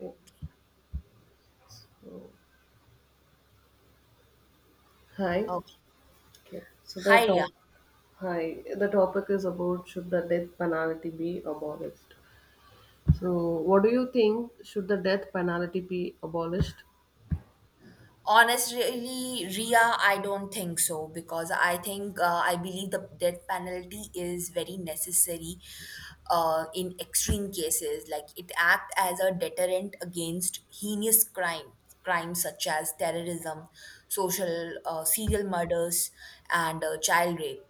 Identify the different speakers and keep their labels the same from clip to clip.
Speaker 1: Okay. Oh, hi.
Speaker 2: Okay.
Speaker 1: Okay. So the
Speaker 2: Hi, Ria.
Speaker 1: top hi the topic is about should the death penalty be abolished. So what do you think, should the death penalty be abolished?
Speaker 2: Honestly, Ria, I don't think so because I think I believe the death penalty is very necessary in extreme cases. Like it acts as a deterrent against heinous crimes such as terrorism, social serial murders, and child rape.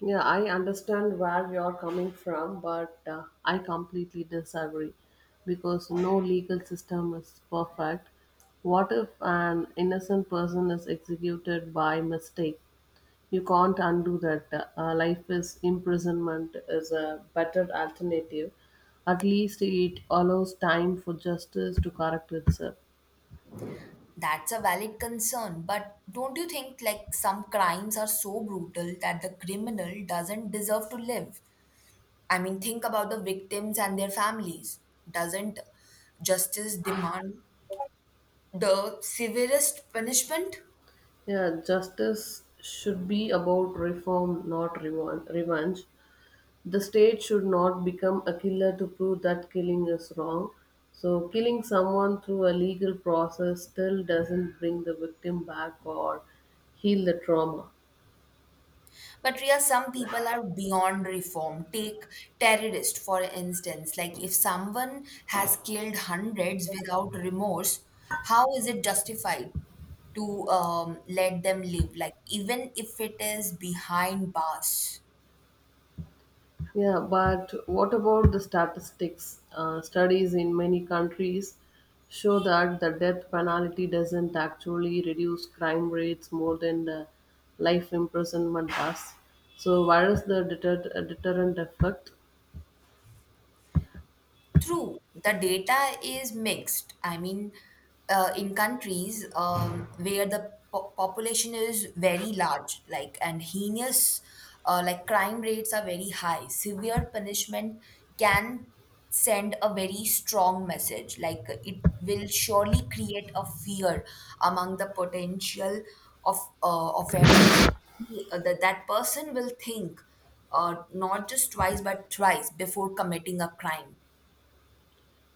Speaker 1: Yeah, I understand where you are coming from, but I completely disagree because no legal system is perfect. What if an innocent person is executed by mistake? You can't undo that. Life is imprisonment is a better alternative. At least it allows time for justice to correct itself.
Speaker 2: That's a valid concern, but don't you think like some crimes are so brutal that the criminal doesn't deserve to live? I mean, think about the victims and their families. Doesn't justice demand the severest punishment?
Speaker 1: Yeah, justice should be about reform, not revenge. The state should not become a killer to prove that killing is wrong. So, killing someone through a legal process still doesn't bring the victim back or heal the trauma.
Speaker 2: But Ria, some people are beyond reform. Take terrorist, for instance. Like if someone has killed hundreds without remorse, how is it justified to let them live? Like even if it is behind bars.
Speaker 1: Yeah, but what about the statistics? Studies in many countries show that the death penalty doesn't actually reduce crime rates more than the life imprisonment does. So, where is the deterrent effect?
Speaker 2: True, the data is mixed. I mean, in countries where the population is very large, like and heinous, like crime rates are very high. Severe punishment can send a very strong message. Like it will surely create a fear among the potential of offenders. That person will think not just twice but thrice before committing a crime.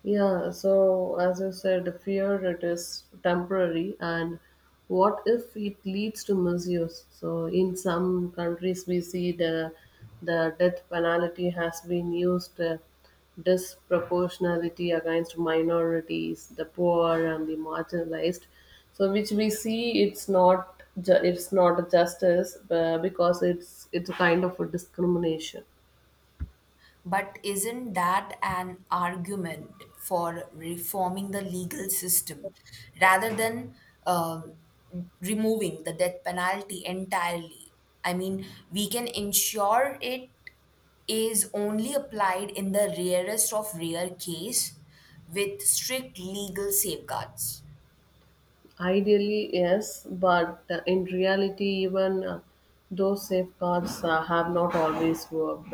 Speaker 1: Yeah, so as you said, fear it is temporary, and what if it leads to misuse? So in some countries, we see the death penalty has been used disproportionality against minorities, the poor, and the marginalized. So which we see it's not ju- it's not a justice because it's a kind of a discrimination.
Speaker 2: But isn't that an argument for reforming the legal system rather than um, removing the death penalty entirely? I mean, we can ensure it is only applied in the rarest of rare case with strict legal safeguards.
Speaker 1: Ideally, yes, but in reality, even those safeguards have not always worked.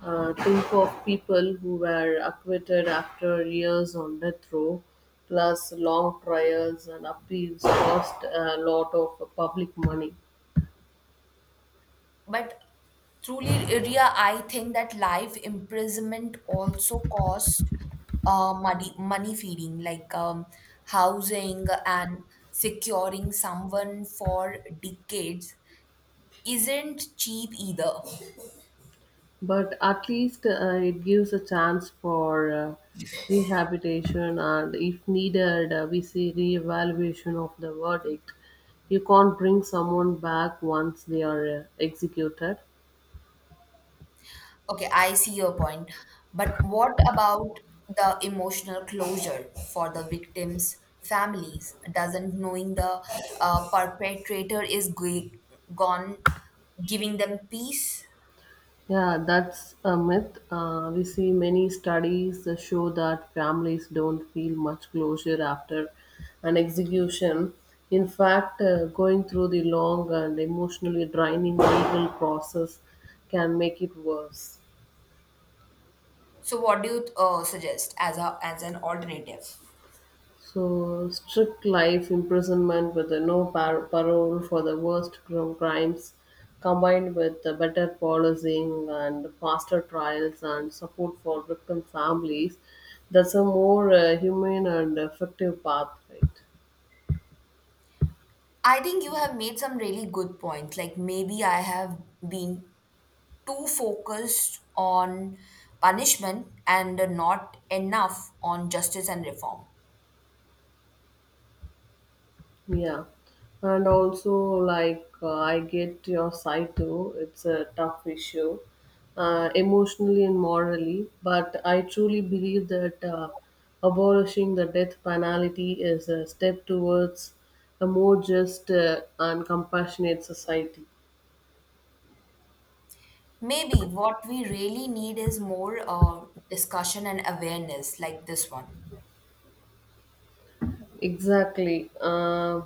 Speaker 1: Think of people who were acquitted after years on death row, plus long trials and appeals cost a lot of public money.
Speaker 2: But truly, Ria, I think that life imprisonment also cost money, money feeding, like housing and securing someone for decades isn't cheap either.
Speaker 1: But at least it gives a chance for rehabilitation, and if needed, we see reevaluation of the verdict. You can't bring someone back once they are executed.
Speaker 2: Okay, I see your point. But what about the emotional closure for the victims' families? Doesn't knowing the perpetrator is gone giving them peace?
Speaker 1: Yeah, that's a myth. We see many studies that show that families don't feel much closure after an execution. In fact, going through the long and emotionally draining legal process can make it worse.
Speaker 2: So, what do you suggest as a as an alternative?
Speaker 1: So strict life imprisonment with the no par- parole for the worst crimes, combined with the better policing and faster trials and support for victim families, that's a more humane and effective path, right?
Speaker 2: I think you have made some really good points. Like maybe I have been too focused on punishment and not enough on justice and reform.
Speaker 1: Yeah, and also like I get your side too. It's a tough issue, emotionally and morally. But I truly believe that abolishing the death penalty is a step towards a more just and compassionate society.
Speaker 2: Maybe what we really need is more discussion and awareness, like this one.
Speaker 1: Exactly.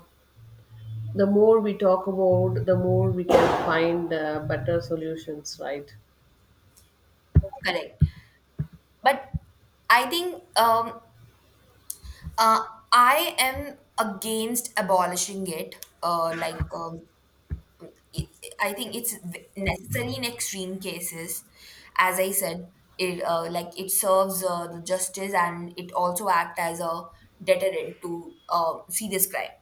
Speaker 1: The more we talk about, the more we can find better solutions. Right.
Speaker 2: Correct. But I think uh, I am against abolishing it. I think it's necessary in extreme cases. As I said, it like it serves the justice and it also act as a deterrent to serious crime.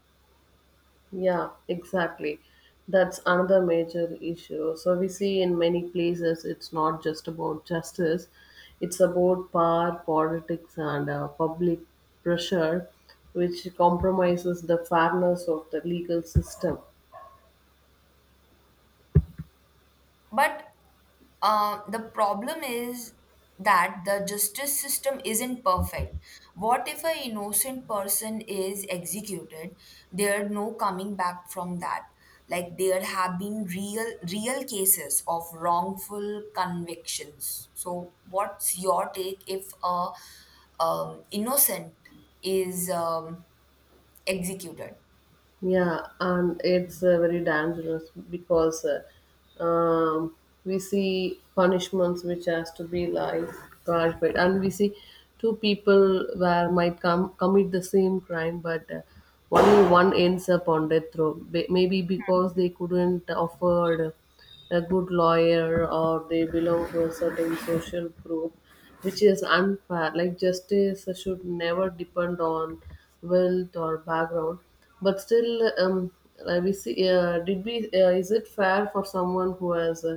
Speaker 1: Yeah, exactly. That's another major issue. So we see in many places it's not just about justice, it's about power, politics, and public pressure, which compromises the fairness of the legal system.
Speaker 2: But the problem is that the justice system isn't perfect. What if an innocent person is executed? There's no coming back from that. Like there have been real cases of wrongful convictions. So what's your take if a innocent is executed?
Speaker 1: Yeah, and it's very dangerous because we see punishments which has to be like clarified, and we see two people where might come commit the same crime, but only one ends up on death row. Maybe because they couldn't afford a good lawyer or they belong to a certain social group which is unfair. Like justice should never depend on wealth or background, but still we see did we is it fair for someone who has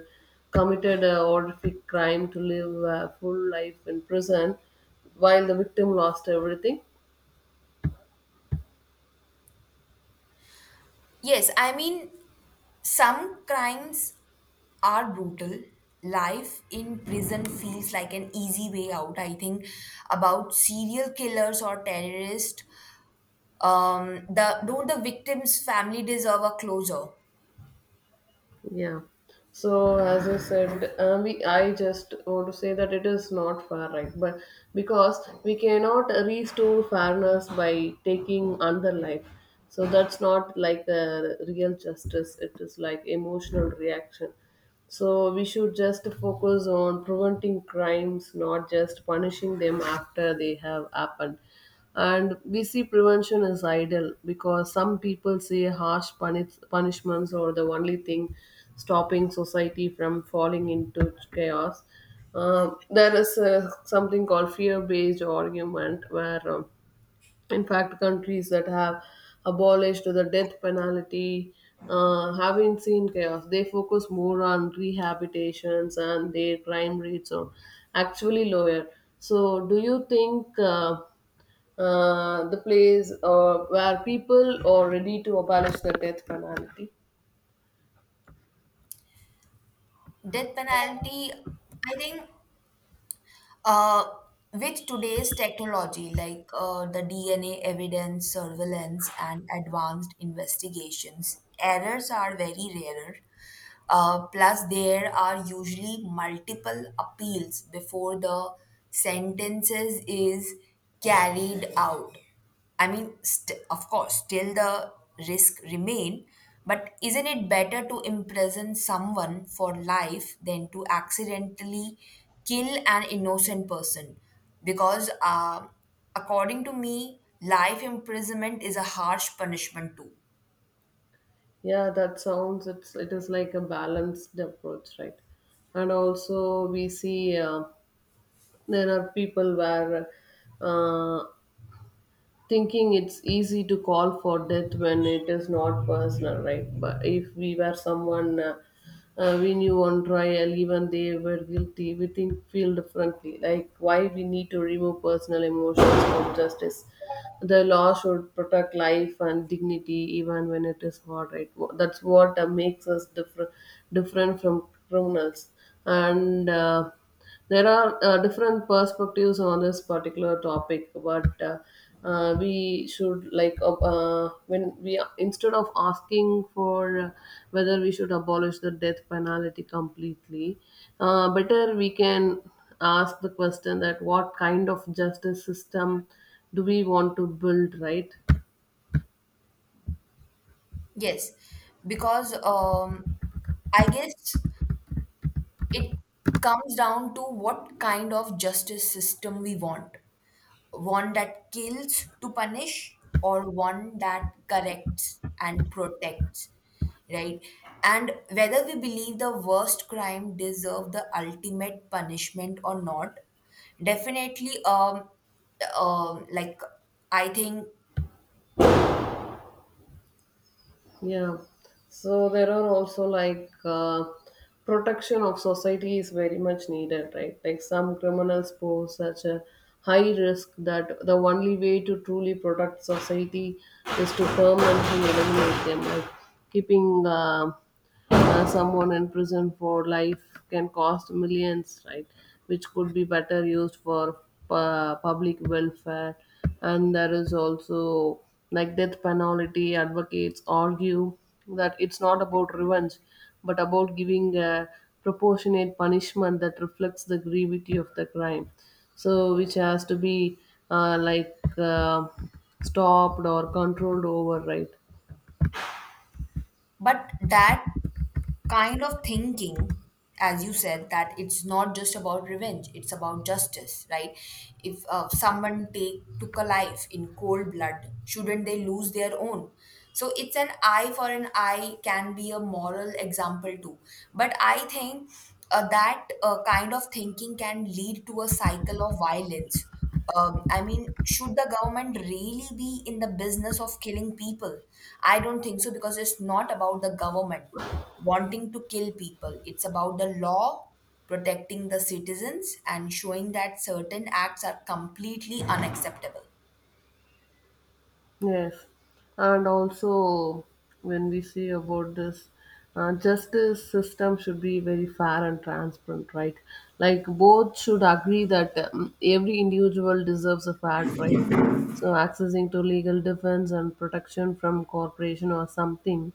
Speaker 1: committed a horrific crime to live a full life in prison while the victim lost everything?
Speaker 2: Yes, I mean, some crimes are brutal. Life in prison feels like an easy way out. I think about serial killers or terrorists. The Don't the victims' family deserve a closure?
Speaker 1: Yeah. So as I said, we I just want to say that it is not fair, right? But because we cannot restore fairness by taking another life, so that's not like a real justice. It is like emotional reaction. So we should just focus on preventing crimes, not just punishing them after they have happened. And we see prevention as idle because some people say harsh punishments are the only thing stopping society from falling into chaos. There is something called fear based argument where in fact, countries that have abolished the death penalty haven't seen chaos. They focus more on rehabilitations and their crime rates are actually lower. So, do you think the place where people are ready to abolish the death penalty?
Speaker 2: Death penalty. I think Uh, with today's technology, like the DNA evidence, surveillance, and advanced investigations, errors are very rarer. Plus, there are usually multiple appeals before the sentences is carried out. I mean, of course, still the risk remain, but isn't it better to imprison someone for life than to accidentally kill an innocent person? Because, according to me, life imprisonment is a harsh punishment too.
Speaker 1: Yeah, that sounds it's it is like a balanced approach, right? And also we see there are people where uh, thinking it's easy to call for death when it is not personal, right? But if we were someone we knew on trial, even they were guilty, we think feel differently. Like why we need to remove personal emotions from justice? The law should protect life and dignity even when it is hard, right? That's what makes us different different from criminals. And there are different perspectives on this particular topic, but we should like when we instead of asking for whether we should abolish the death penalty completely, better we can ask the question that what kind of justice system do we want to build, right?
Speaker 2: Yes, because I guess it comes down to what kind of justice system we want. One that kills to punish, or one that corrects and protects, right? And whether we believe the worst crime deserve the ultimate punishment or not, definitely, um, like I think,
Speaker 1: Yeah. So there are also like protection of society is very much needed, right? Like some criminals pose such a high risk that the only way to truly protect society is to permanently eliminate them, like keeping someone in prison for life can cost millions, right? Which could be better used for public welfare. And there is also like death penalty advocates argue that it's not about revenge, but about giving a proportionate punishment that reflects the gravity of the crime. So, which has to be uh, like uh, stopped or controlled over, right?
Speaker 2: but that kind of thinking, as you said, that it's not just about revenge, it's about justice, right? If someone take took a life in cold blood, shouldn't they lose their own? So it's an eye for an eye, can be a moral example too. But I think that kind of thinking can lead to a cycle of violence. I mean, should the government really be in the business of killing people? I don't think so because it's not about the government wanting to kill people. It's about the law protecting the citizens and showing that certain acts are completely unacceptable.
Speaker 1: Yes, and also when we see about this, justice system should be very fair and transparent, right? Like both should agree that every individual deserves a fair trial. So accessing to legal defense and protection from corporation or something,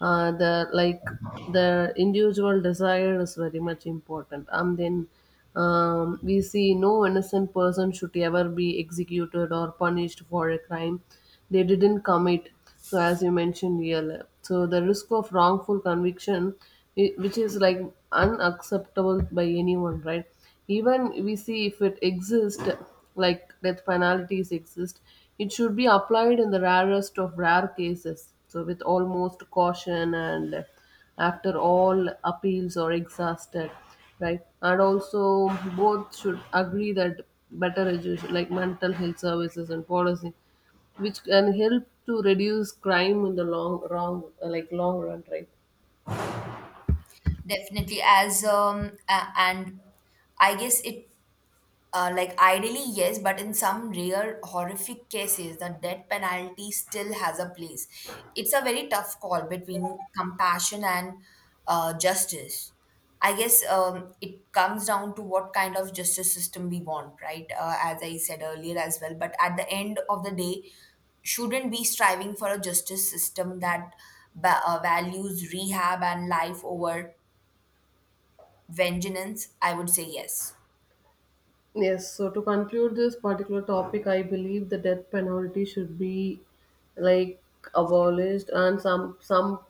Speaker 1: the like the individual desire is very much important. And then we see no innocent person should ever be executed or punished for a crime they didn't commit. So as you mentioned earlier, so the risk of wrongful conviction, which is like unacceptable by anyone, right? Even we see if it exists, like death penalties exist, it should be applied in the rarest of rare cases, so with almost caution and after all appeals are exhausted, right? And also both should agree that better education like mental health services and policy which can help to reduce crime in the long wrong like long run, right?
Speaker 2: Definitely, and I guess it. Like ideally, yes, but in some rare horrific cases, the death penalty still has a place. It's a very tough call between compassion and justice. I guess it comes down to what kind of justice system we want, right? As I said earlier as well. But at the end of the day, shouldn't be striving for a justice system that values rehab and life over vengeance. I would say yes.
Speaker 1: Yes, so to conclude this particular topic, I believe the death penalty should be like abolished and some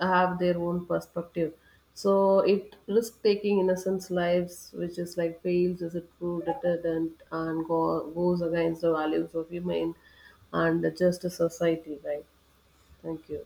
Speaker 1: have their own perspective. So it risk taking innocents' lives, which is like fails as a true deterrent and goes against the values of human and the justice society, right? Thank you.